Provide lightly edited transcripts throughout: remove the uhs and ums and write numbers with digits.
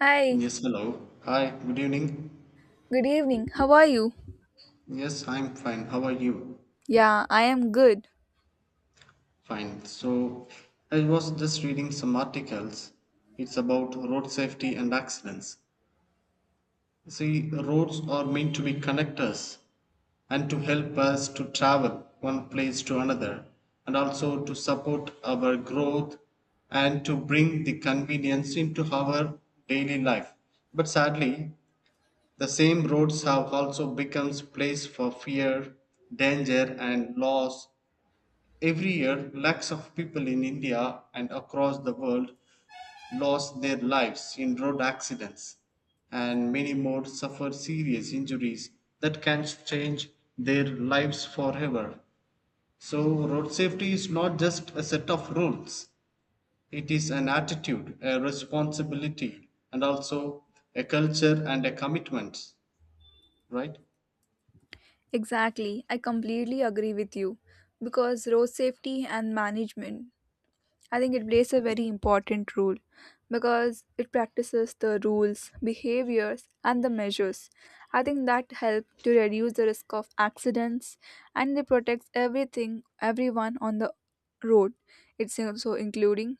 Hi, Yes, hello. Hi, good evening. good evening. How are you? Yes, I'm fine. How are you? Yeah, I am good. Fine. So, I was just reading some articles. It's about road safety and accidents. See, roads are meant to be connectors and to help us to travel one place to another and also to support our growth and to bring the convenience into our daily life. But sadly, the same roads have also become place for fear, danger and loss. Every year lakhs of people in India and across the world lost their lives in road accidents, and many more suffer serious injuries that can change their lives forever. So road safety is not just a set of rules. It is an attitude, a responsibility, and also a culture and a commitment, right? Exactly. I completely agree with you because road safety and management, I think it plays a very important role because it practices the rules, behaviors, and the measures. I think that help to reduce the risk of accidents and it protects everything, everyone on the road. It's also including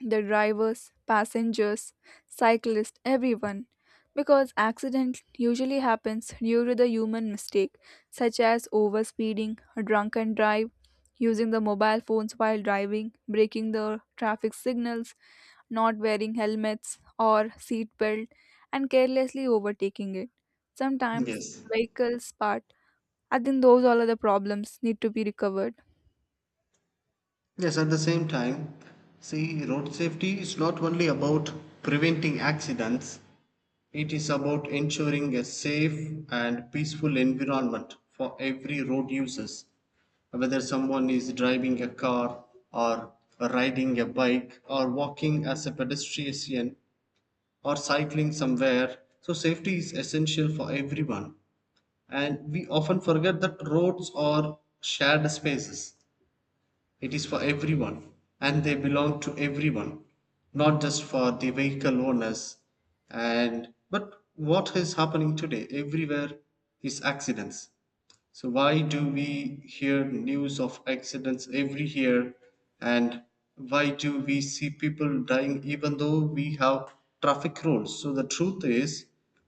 the drivers, passengers, cyclists, everyone. Because accident usually happens due to the human mistake, such as overspeeding, a drunken drive, using the mobile phones while driving, breaking the traffic signals, not wearing helmets or seat belt, and carelessly overtaking it. Sometimes Yes. vehicles part. I think those all are the problems need to be recovered. Yes, at the same time, see, road safety is not only about preventing accidents, it is about ensuring a safe and peaceful environment for every road users, whether someone is driving a car or riding a bike or walking as a pedestrian or cycling somewhere. So, safety is essential for everyone. And we often forget that roads are shared spaces. It is for everyone, and they belong to everyone, not just for the vehicle owners. And but what is happening today everywhere is accidents. So why do we hear news of accidents every year, and why do we see people dying even though we have traffic rules? So the truth is,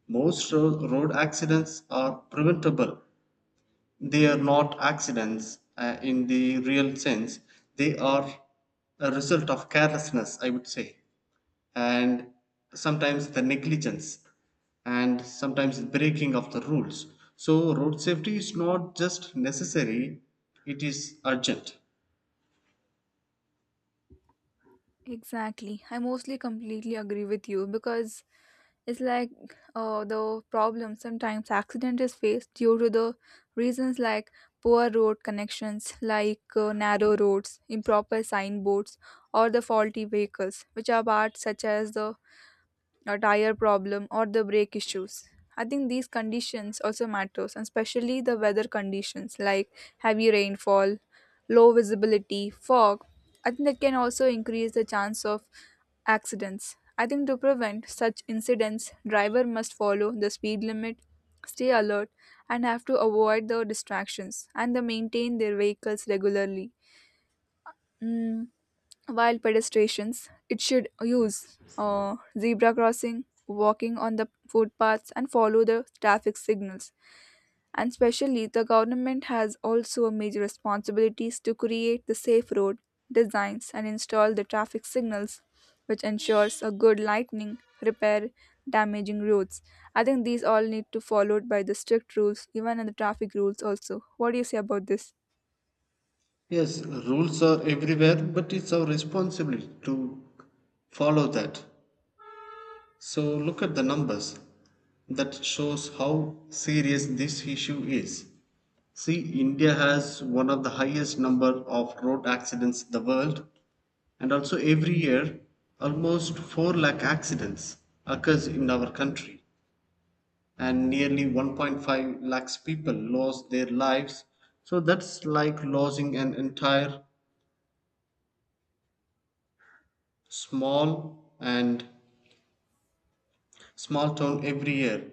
most road accidents are preventable. They are not accidents in the real sense, they are a result of carelessness, I would say, and sometimes the negligence and sometimes breaking of the rules. So, road safety is not just necessary, it is urgent. Exactly. I mostly completely agree with you because it's like the problem sometimes accident is faced due to the reasons like poor road connections like narrow roads improper signboards or the faulty vehicles which are bad such as the a tire problem or the brake issues. I think these conditions also matters, and especially the weather conditions like heavy rainfall, low visibility, fog. I think that can also increase the chance of accidents. I think to prevent such incidents, driver must follow the speed limit, stay alert, and have to avoid the distractions and they maintain their vehicles regularly. Mm, while pedestrians, it should use zebra crossing, walking on the footpaths, and follow the traffic signals. And especially, the government has also a major responsibilities to create the safe road designs and install the traffic signals, which ensures a good lightning repair damaging roads. I think these all need to followed by the strict rules, even in the traffic rules also. What do you say about this? Yes, rules are everywhere, but it's our responsibility to follow that. So look at the numbers that shows how serious this issue is. See, India has one of the highest number of road accidents in the world, and also every year almost 4 lakh accidents occurs in our country and nearly 1.5 lakhs people lost their lives. So that's like losing an entire small and small town every year.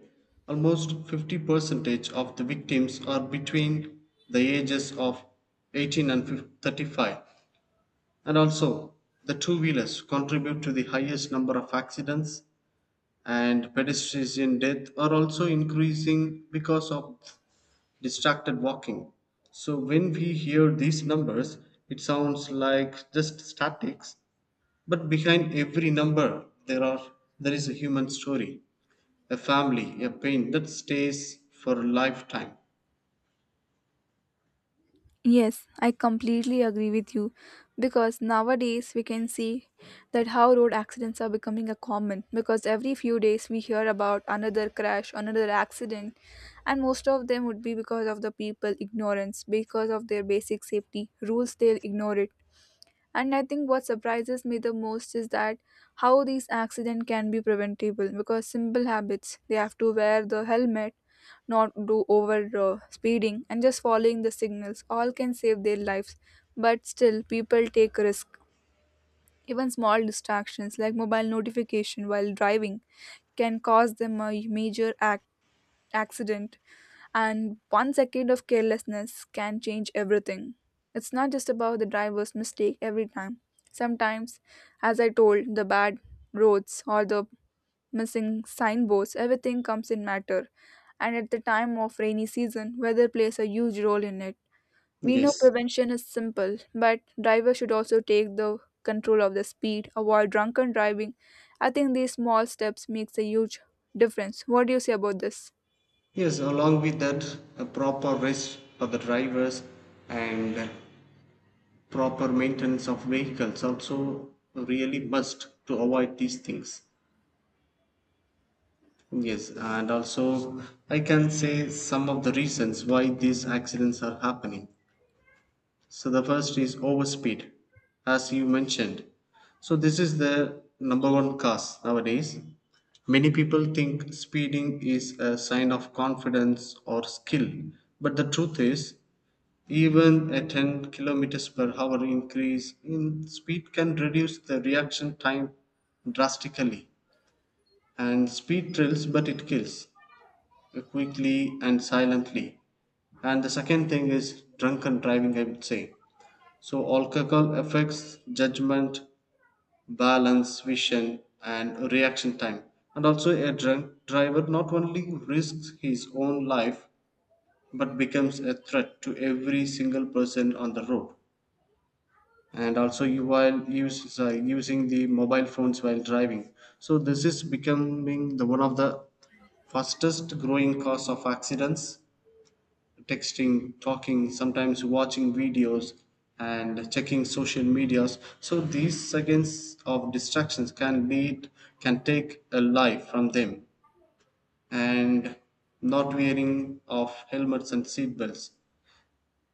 Almost 50 percentage of the victims are between the ages of 18 and 35, and also the two wheelers contribute to the highest number of accidents, and pedestrian death are also increasing because of distracted walking. So when we hear these numbers, it sounds like just statics, but behind every number there are, there is a human story, a family, a pain that stays for a lifetime. Yes, I completely agree with you because nowadays we can see that how road accidents are becoming a common because every few days we hear about another crash, another accident, and most of them would be because of the people ignorance, because of their basic safety rules they'll ignore it, and I think what surprises me the most is that how these accidents can be preventable because simple habits they have to wear the helmet, not do over speeding, and just following the signals all can save their lives. But still, people take risk. Even small distractions like mobile notification while driving can cause them a major accident. And one second of carelessness can change everything. It's not just about the driver's mistake every time. Sometimes, as I told, the bad roads or the missing signboards, everything comes in matter. And at the time of rainy season, weather plays a huge role in it. We know Yes. prevention is simple, but drivers should also take the control of the speed, avoid drunken driving. I think these small steps makes a huge difference. What do you say about this? Yes, along with that, a proper rest for the drivers and proper maintenance of vehicles also really must to avoid these things. Yes, and also I can say some of the reasons why these accidents are happening. So the first is overspeed, as you mentioned. So this is the number one cause nowadays. Many people think speeding is a sign of confidence or skill, but the truth is, even a 10 kilometers per hour increase in speed can reduce the reaction time drastically, and speed thrills but it kills quickly and silently. And the second thing is drunken driving, I would say. So alcohol affects judgment, balance, vision, and reaction time, and also a drunk driver not only risks his own life but becomes a threat to every single person on the road. And also you while use, using the mobile phones while driving, so this is becoming the one of the fastest growing cause of accidents. Texting, talking, sometimes watching videos and checking social medias. So these seconds of distractions can lead, can take a life from them. And not wearing of helmets and seatbelts.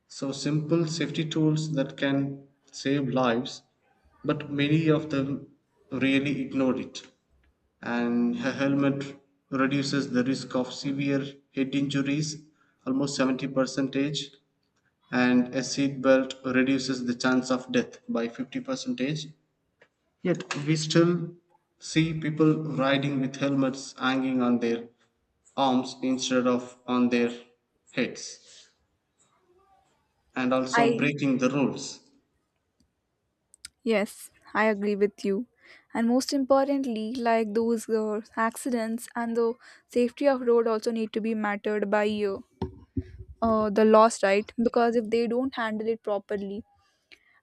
So simple safety tools that can save lives, but many of them really ignored it. And a helmet reduces the risk of severe head injuries almost 70 percentage, and a seat belt reduces the chance of death by 50 percentage. Yet we still see people riding with helmets hanging on their arms instead of on their heads. And also I breaking the rules. Yes, I agree with you. And most importantly, like those accidents and the safety of road also need to be mattered by the laws, right? Because if they don't handle it properly,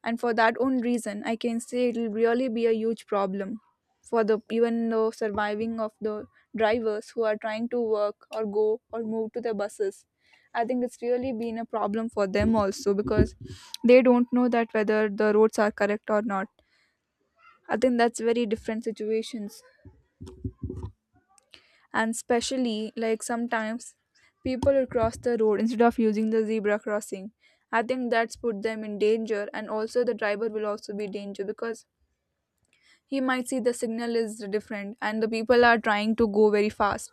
and for that own reason, I can say it will really be a huge problem for the even the surviving of the drivers who are trying to work or go or move to the buses. I think it's really been a problem for them also because they don't know that whether the roads are correct or not. I think that's very different situations. And especially like sometimes people will cross the road instead of using the zebra crossing. I think that's put them in danger and also the driver will also be danger because he might see the signal is different and the people are trying to go very fast.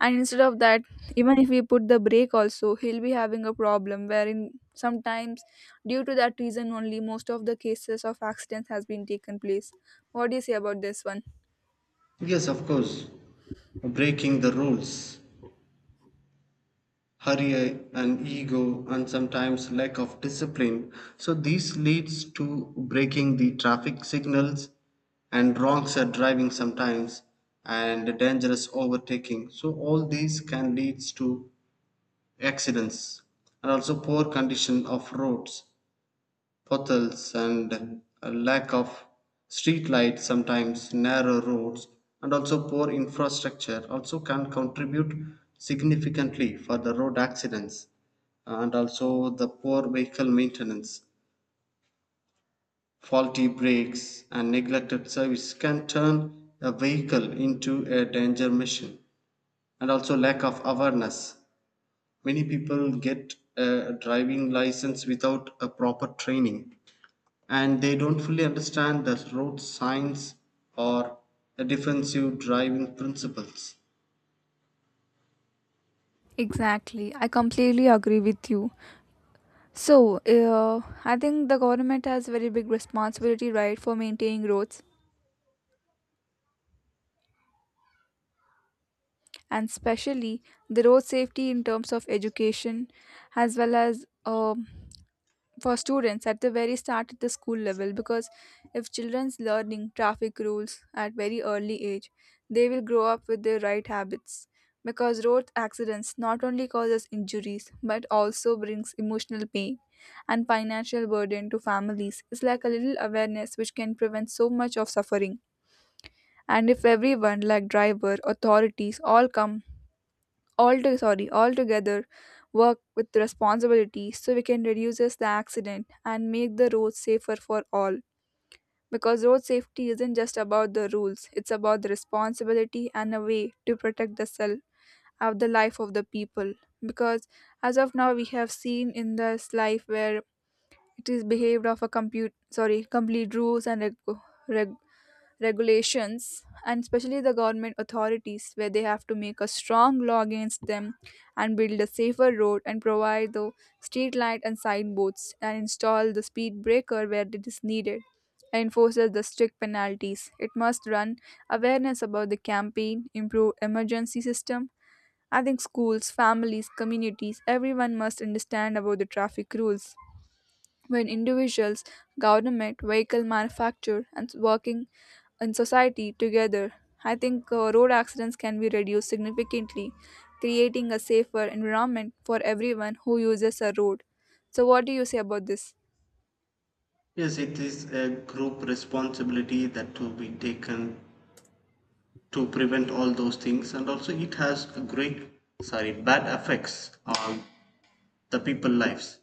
And instead of that, even if we put the brake also, he'll be having a problem wherein sometimes due to that reason only most of the cases of accidents has been taken place. What do you say about this one? Yes, of course. Breaking the rules, hurry and ego and sometimes lack of discipline. So this leads to breaking the traffic signals, and wrong set driving sometimes, and dangerous overtaking. So all these can leads to accidents. And also poor condition of roads, potholes and a lack of street lights, sometimes narrow roads, and also poor infrastructure also can contribute significantly for the road accidents. And also the poor vehicle maintenance, faulty brakes and neglected service can turn a vehicle into a danger machine. And also lack of awareness. Many people get a driving license without a proper training, and they don't fully understand the road signs or the defensive driving principles. Exactly, I completely agree with you. So, I think the government has very big responsibility, right, for maintaining roads and especially the road safety in terms of education as well as for students at the very start at the school level, because if children's learning traffic rules at very early age they will grow up with the right habits, because road accidents not only causes injuries but also brings emotional pain and financial burden to families. It's like a little awareness which can prevent so much of suffering, and if everyone like driver authorities all come all to, sorry altogether work with responsibility so we can reduce the accident and make the roads safer for all, because road safety isn't just about the rules, it's about the responsibility and a way to protect the self of the life of the people, because as of now we have seen in this life where it is behaved of a compute sorry complete rules and reg- regulations, and especially the government authorities where they have to make a strong law against them and build a safer road and provide the street light and signboards and install the speed breaker where it is needed and enforces the strict penalties. It must run awareness about the campaign, improve emergency system. I think schools, families, communities, everyone must understand about the traffic rules. When individuals, government, vehicle manufacturer, and working in society together, I think road accidents can be reduced significantly, creating a safer environment for everyone who uses a road. So, what do you say about this? Yes, it is a group responsibility that to be taken to prevent all those things, and also it has a great, sorry, bad effects on the people lives.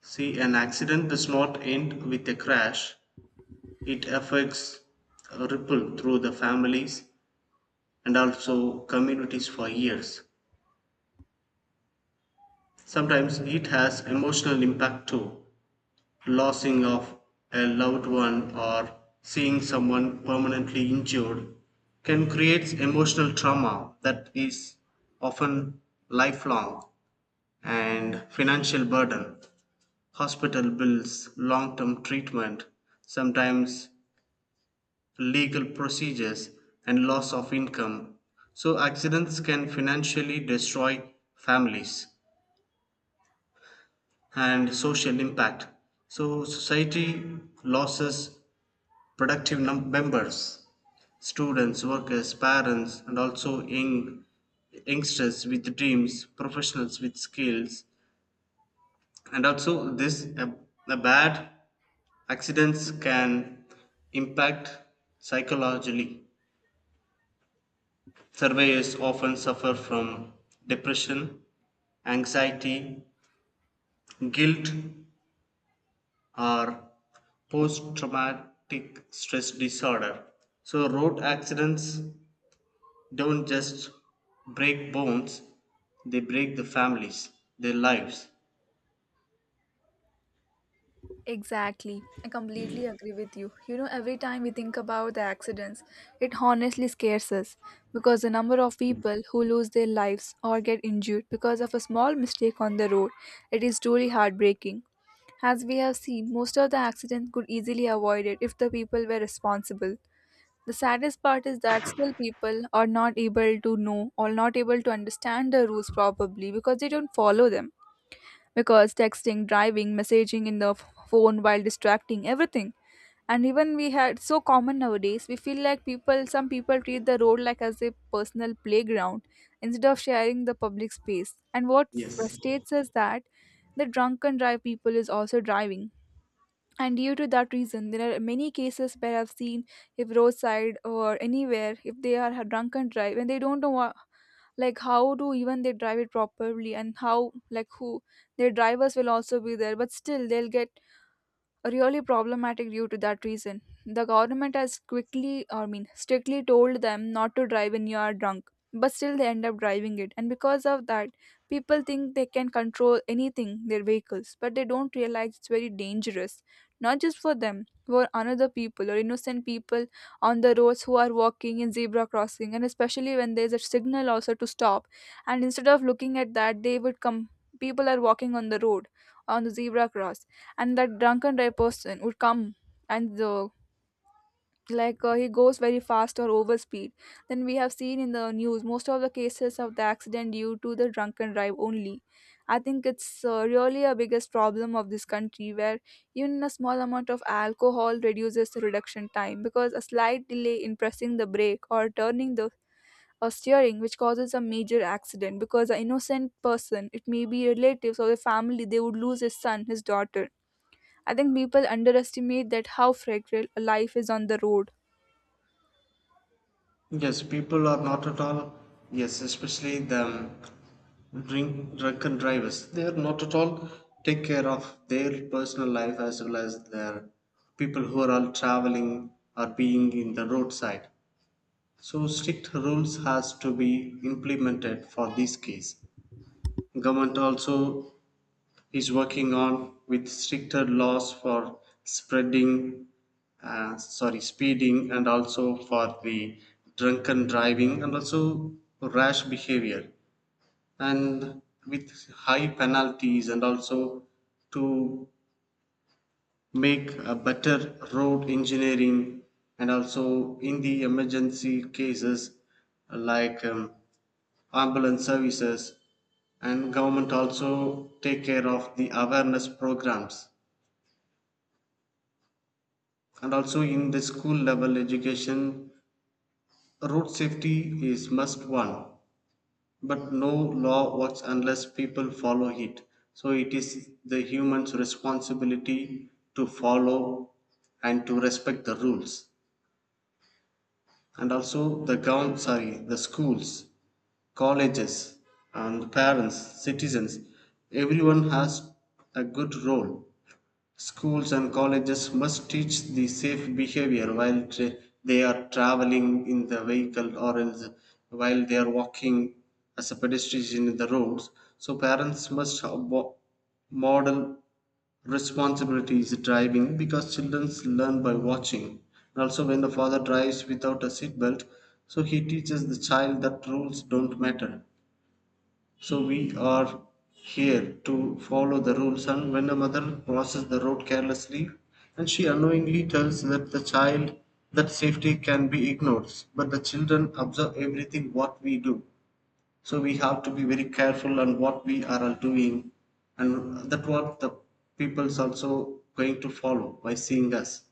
See, an accident does not end with a crash; it affects a ripple through the families and also communities for years. Sometimes it has emotional impact too. Losing of a loved one or seeing someone permanently injured can create emotional trauma that is often lifelong. And financial burden, hospital bills, long term treatment, sometimes legal procedures, and loss of income. So, accidents can financially destroy families. And social impact. So, society loses productive members, students, workers, parents, and also youngsters with dreams, professionals with skills. And also this a bad accidents can impact psychologically. Surveyors often suffer from depression, anxiety, guilt, or post traumatic stress disorder. So, road accidents don't just break bones, they break the families, their lives. Exactly. I completely agree with you. Every time we think about the accidents, it honestly scares us because the number of people who lose their lives or get injured because of a small mistake on the road, it is truly heartbreaking. As we have seen, most of the accidents could easily avoided if the people were responsible. The saddest part is that still people are not able to know or not able to understand the rules probably because they don't follow them. Because texting, driving, messaging in the phone while distracting, everything. And even we had so common nowadays, we feel like people some people treat the road like as a personal playground instead of sharing the public space. And what Yes. frustrates us that the drunken drive people is also driving, and due to that reason there are many cases where I've seen, if roadside or anywhere if they are a drunken drive and they don't know what, like how to even they drive it properly, and how like who their drivers will also be there but still they'll get really problematic due to that reason. The government has quickly, I mean, strictly told them not to drive when you are drunk, but still they end up driving it. And because of that, people think they can control anything, their vehicles, but they don't realize it's very dangerous, not just for them, for another people or innocent people on the roads who are walking in zebra crossing, and especially when there's a signal also to stop. And instead of looking at that, they would come. People are walking on the road, on the zebra crossing, and that drunken drive person would come, and the like he goes very fast or over speed. Then we have seen in the news most of the cases of the accident due to the drunken drive only. I think it's really a biggest problem of this country where even a small amount of alcohol reduces the reduction time, because a slight delay in pressing the brake or turning the or steering which causes a major accident, because an innocent person, it may be relatives or a family, they would lose his son his daughter. I think people underestimate that how fragile a life is on the road. Yes, people are not at all, yes, especially the drunken drivers, they are not at all take care of their personal life as well as their people who are all traveling or being in the roadside. So strict rules has to be implemented for this case. Government also is working on with stricter laws for speeding, and also for the drunken driving and also rash behavior, and with high penalties and also to make a better road engineering, and also in the emergency cases like. Ambulance services, and government also take care of the awareness programs and also in the school level education. Road safety is must one, but no law works unless people follow it. So it is the human's responsibility to follow and to respect the rules. And also the government sorry the schools, colleges and parents, citizens, everyone has a good role. Schools and colleges must teach the safe behavior while they are traveling in the vehicle or else while they are walking as a pedestrian in the roads. So parents must model responsibilities driving because children learn by watching. And also when the father drives without a seatbelt, so he teaches the child that rules don't matter. So we are here to follow the rules. And when a mother crosses the road carelessly, and she unknowingly tells that the child that safety can be ignored, but the children observe everything what we do. So we have to be very careful on what we are doing, and that what the people's also going to follow by seeing us.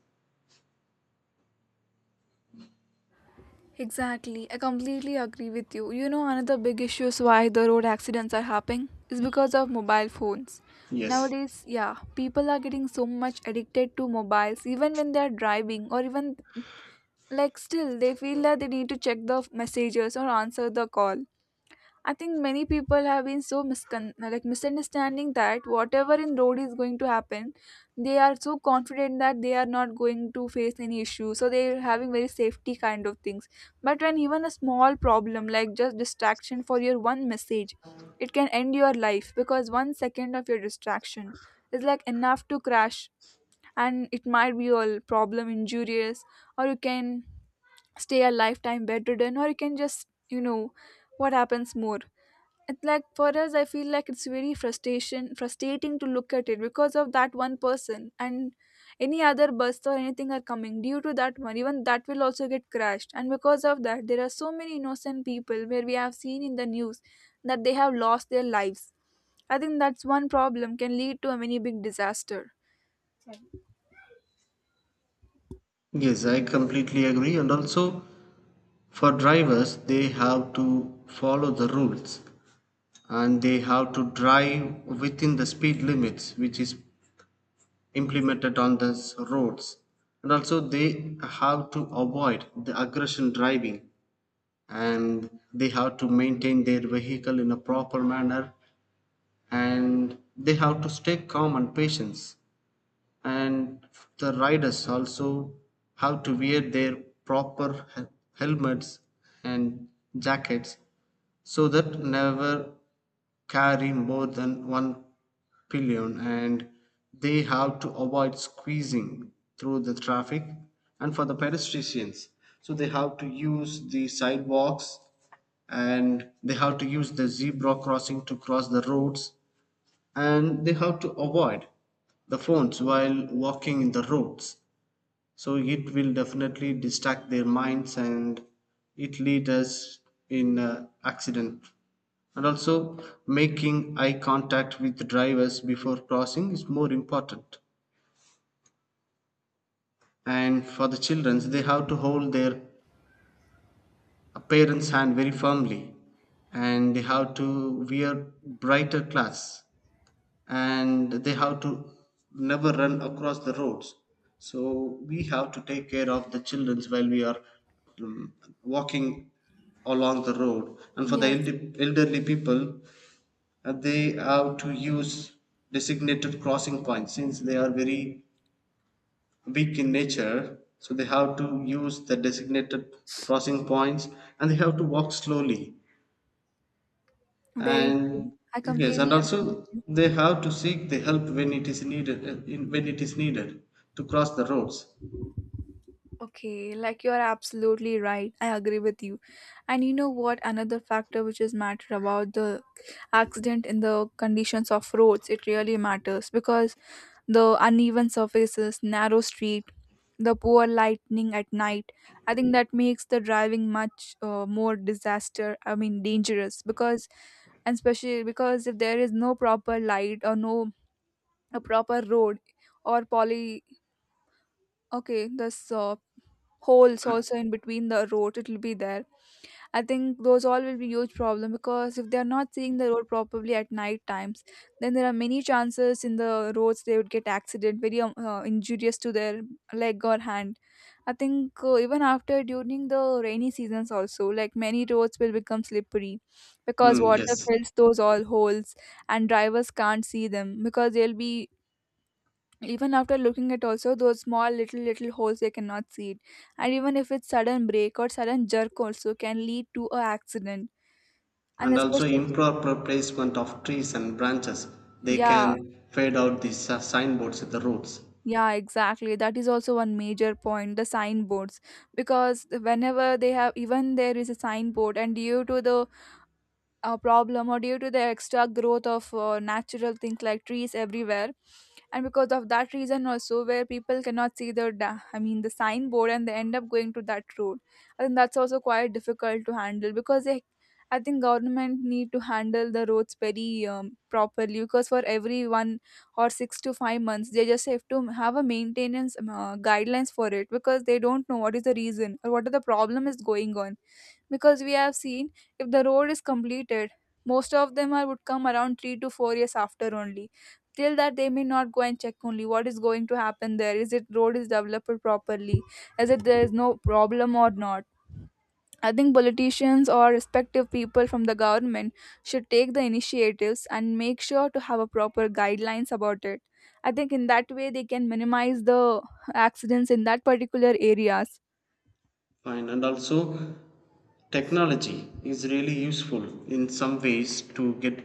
Exactly. I completely agree with you. Another big issue is why the road accidents are happening is because of mobile phones. Yes. Nowadays, yeah, people are getting so much addicted to mobiles even when they are driving or even like still they feel that they need to check the messages or answer the call. I think many people have been so misunderstanding that whatever in road is going to happen, they are so confident that they are not going to face any issue. So they are having very safety kind of things. But when even a small problem like just distraction for your one message, it can end your life because 1 second of your distraction is like enough to crash, and it might be your problem injurious, or you can stay a lifetime bedridden, or you can just you know what happens more. It, like for us, I feel like it's very frustration frustrating to look at it because of that one person, and any other bus or anything are coming due to that one, even that will also get crashed. And because of that, there are so many innocent people where we have seen in the news that they have lost their lives. I think that's one problem can lead to a many big disaster. Yes, I completely agree. And also, for drivers, they have to follow the rules, and they have to drive within the speed limits which is implemented on those roads. And also they have to avoid the aggression driving, and they have to maintain their vehicle in a proper manner, and they have to stay calm and patience. And the riders also have to wear their proper helmets and jackets, so that never carry more than one pillion, and they have to avoid squeezing through the traffic. And for the pedestrians, so they have to use the sidewalks, and they have to use the zebra crossing to cross the roads, and they have to avoid the phones while walking in the roads. So it will definitely distract their minds and it leads us in accident. And also making eye contact with the drivers before crossing is more important. And for the children, they have to hold their parents hand very firmly, and they have to wear brighter clothes, and they have to never run across the roads. So we have to take care of the children while we are um, walking along the road. And for the Yes, elderly people, they have to use designated crossing points since they are very weak in nature, so they have to use the designated crossing points, and they have to walk slowly. very true, And I yes, completely and agree with also you. they have to seek the help when it is needed when it is needed to cross the roads. Okay, like you are absolutely right. I agree with you. And you know what? Another factor which is matter about the accident in the conditions of roads, it really matters because the uneven surfaces, narrow street, the poor lightning at night, I think that makes the driving much more disaster I mean dangerous, because, and especially because, if there is no proper light or no a proper road or poly okay, this holes also in between the road, it will be there. I think those all will be huge problem, because if they are not seeing the road properly at night times, then there are many chances in the roads they would get accident, very injurious to their leg or hand. I think even after during the rainy seasons also, like many roads will become slippery because Mm, water yes. fills those all holes, and drivers can't see them because they'll be, even after looking at also those small little little holes, they cannot see it. And even if it's sudden break or sudden jerk also can lead to a accident, and And also especially, improper placement of trees and branches, they yeah, can fade out the signboards at the roads. yeah, exactly, that is also one major point, the signboards. Because whenever they have, even there is a signboard, and due to the a problem or due to the extra growth of natural things like trees everywhere, and because of that reason also, where people cannot see the da- I mean the signboard and they end up going to that road. I think that's also quite difficult to handle because they, I think government need to handle the roads very properly, because for every 1 or 6 to 5 months they just have to have a maintenance guidelines for it, because they don't know what is the reason or what are the problem is going on. Because we have seen, if the road is completed, most of them are would come around 3 to 4 years after only. Till that they may not go and check only what is going to happen, there is it road is developed properly, is it there is no problem or not. I think politicians or respective people from the government should take the initiatives and make sure to have a proper guidelines about it. I think in that way they can minimize the accidents in that particular areas. Fine. And also technology is really useful in some ways to get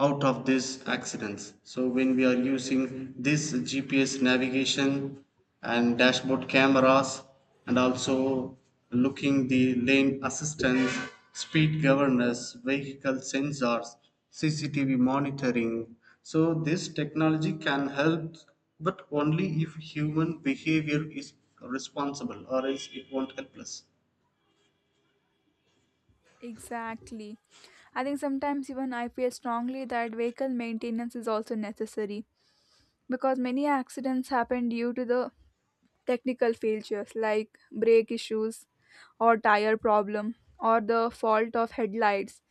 out of these accidents. So when we are using this GPS navigation and dashboard cameras, and also looking the lane assistance, speed governance, vehicle sensors, CCTV monitoring. So this technology can help, but only if human behavior is responsible or else it won't help us. Exactly. I think sometimes even I feel strongly that vehicle maintenance is also necessary, because many accidents happen due to the technical failures like brake issues or tire problem or the fault of headlights.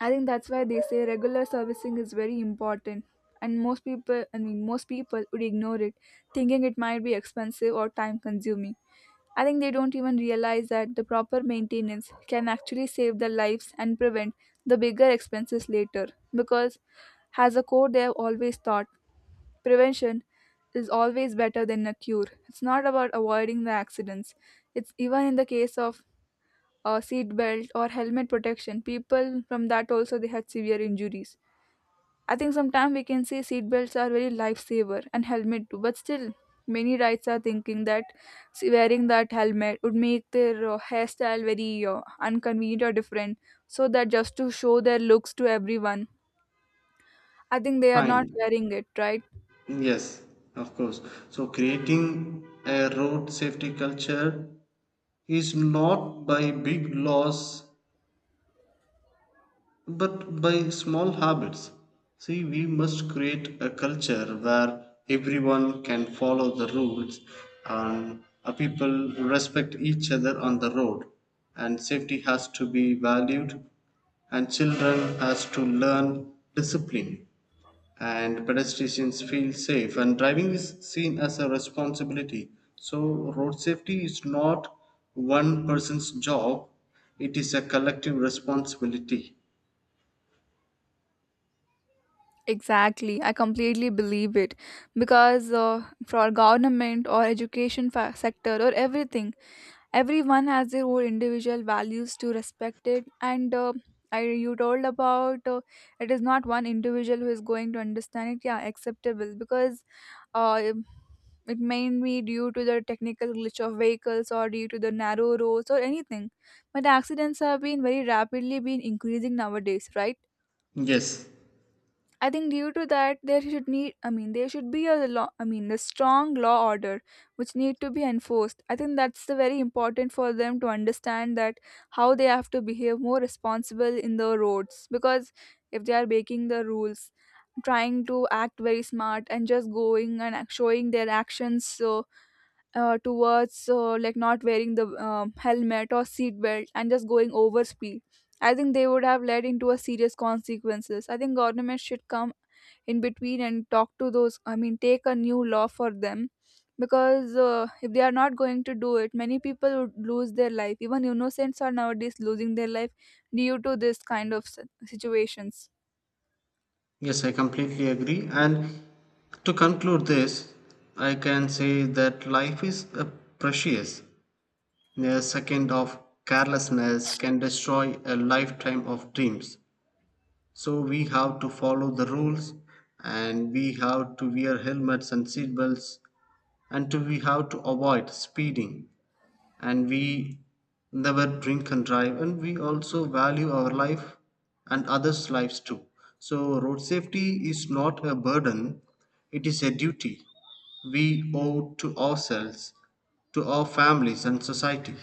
I think that's why they say regular servicing is very important, and most people would ignore it, thinking it might be expensive or time consuming. I think they don't even realize that the proper maintenance can actually save their lives and prevent the bigger expenses later, because, as a core, they have always thought prevention is always better than a cure. It's not about avoiding the accidents. It's even in the case of a seat belt or helmet protection, people from that also they had severe injuries. I think sometimes we can say seat belts are very lifesaver and helmet too, but still many rides are thinking that, see, wearing that helmet would make their hairstyle very inconvenient or different, so that just to show their looks to everyone. I think they are not Fine. wearing it, right? Yes, of course. So, creating a road safety culture is not by big laws but by small habits. See, we must create a culture where everyone can follow the rules, and people respect each other on the road, and safety has to be valued, and children has to learn discipline, and pedestrians feel safe, and driving is seen as a responsibility. So road safety is not one person's job, it is a collective responsibility. Exactly, I completely believe it, because for government or education sector or everything, everyone has their own individual values to respect it, and you told about it is not one individual who is going to understand it, yeah, acceptable, because uh, it it may be due to the technical glitch of vehicles or due to the narrow roads or anything, but accidents have been very rapidly been increasing nowadays, right? Yes. I think due to that there should need, I mean there should be a law, I mean the strong law order which need to be enforced. I think that's the very important for them to understand that how they have to behave more responsible in the roads, because if they are breaking the rules, trying to act very smart and just going and showing their actions, so towards like not wearing the helmet or seat belt and just going over speed, I think they would have led into a serious consequences. I think government should come in between and talk to those, I mean take a new law for them, because if they are not going to do it, many people would lose their life, even innocents are nowadays losing their life due to this kind of situations. Yes, I completely agree. And to conclude this, I can say that life is a precious. A second of carelessness can destroy a lifetime of dreams. So we have to follow the rules, and we have to wear helmets and seat belts, and to we have to avoid speeding, and we never drink and drive, and we also value our life and others lives too. So road safety is not a burden, it is a duty we owe to ourselves, to our families and society.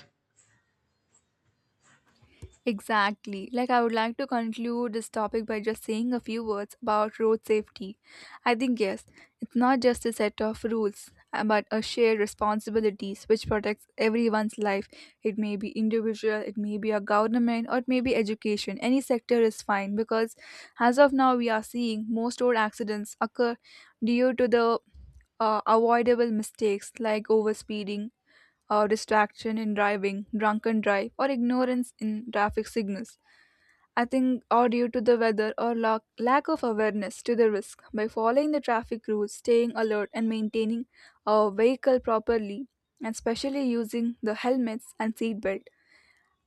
Exactly. Like, I would like to conclude this topic by just saying a few words about road safety. I think, yes, it's not just a set of rules, but a shared responsibilities which protects everyone's life. It may be individual, it may be a government, or it may be education. Any sector is fine, because, as of now, we are seeing most road accidents occur due to the avoidable mistakes like overspeeding or distraction in driving, drunken drive, or ignorance in traffic signals. I think, or due to the weather or lack of awareness to the risk. By following the traffic rules, staying alert, and maintaining our vehicle properly, and especially using the helmets and seatbelt,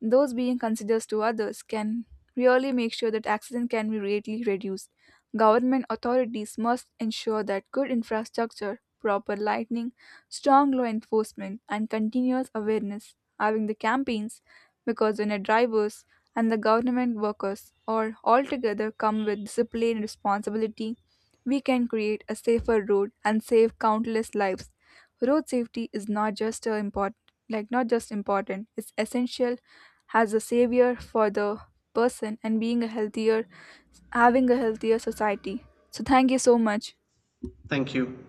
those being considered to others can really make sure that accident can be greatly reduced. Government authorities must ensure that good infrastructure, proper lighting, strong law enforcement, and continuous awareness. Having the campaigns, because when the drivers and the government workers are all together come with discipline and responsibility, we can create a safer road and save countless lives. Road safety is not just a import, like not just important, it's essential as a savior for the person, and being a healthier having a healthier society. So thank you so much. Thank you.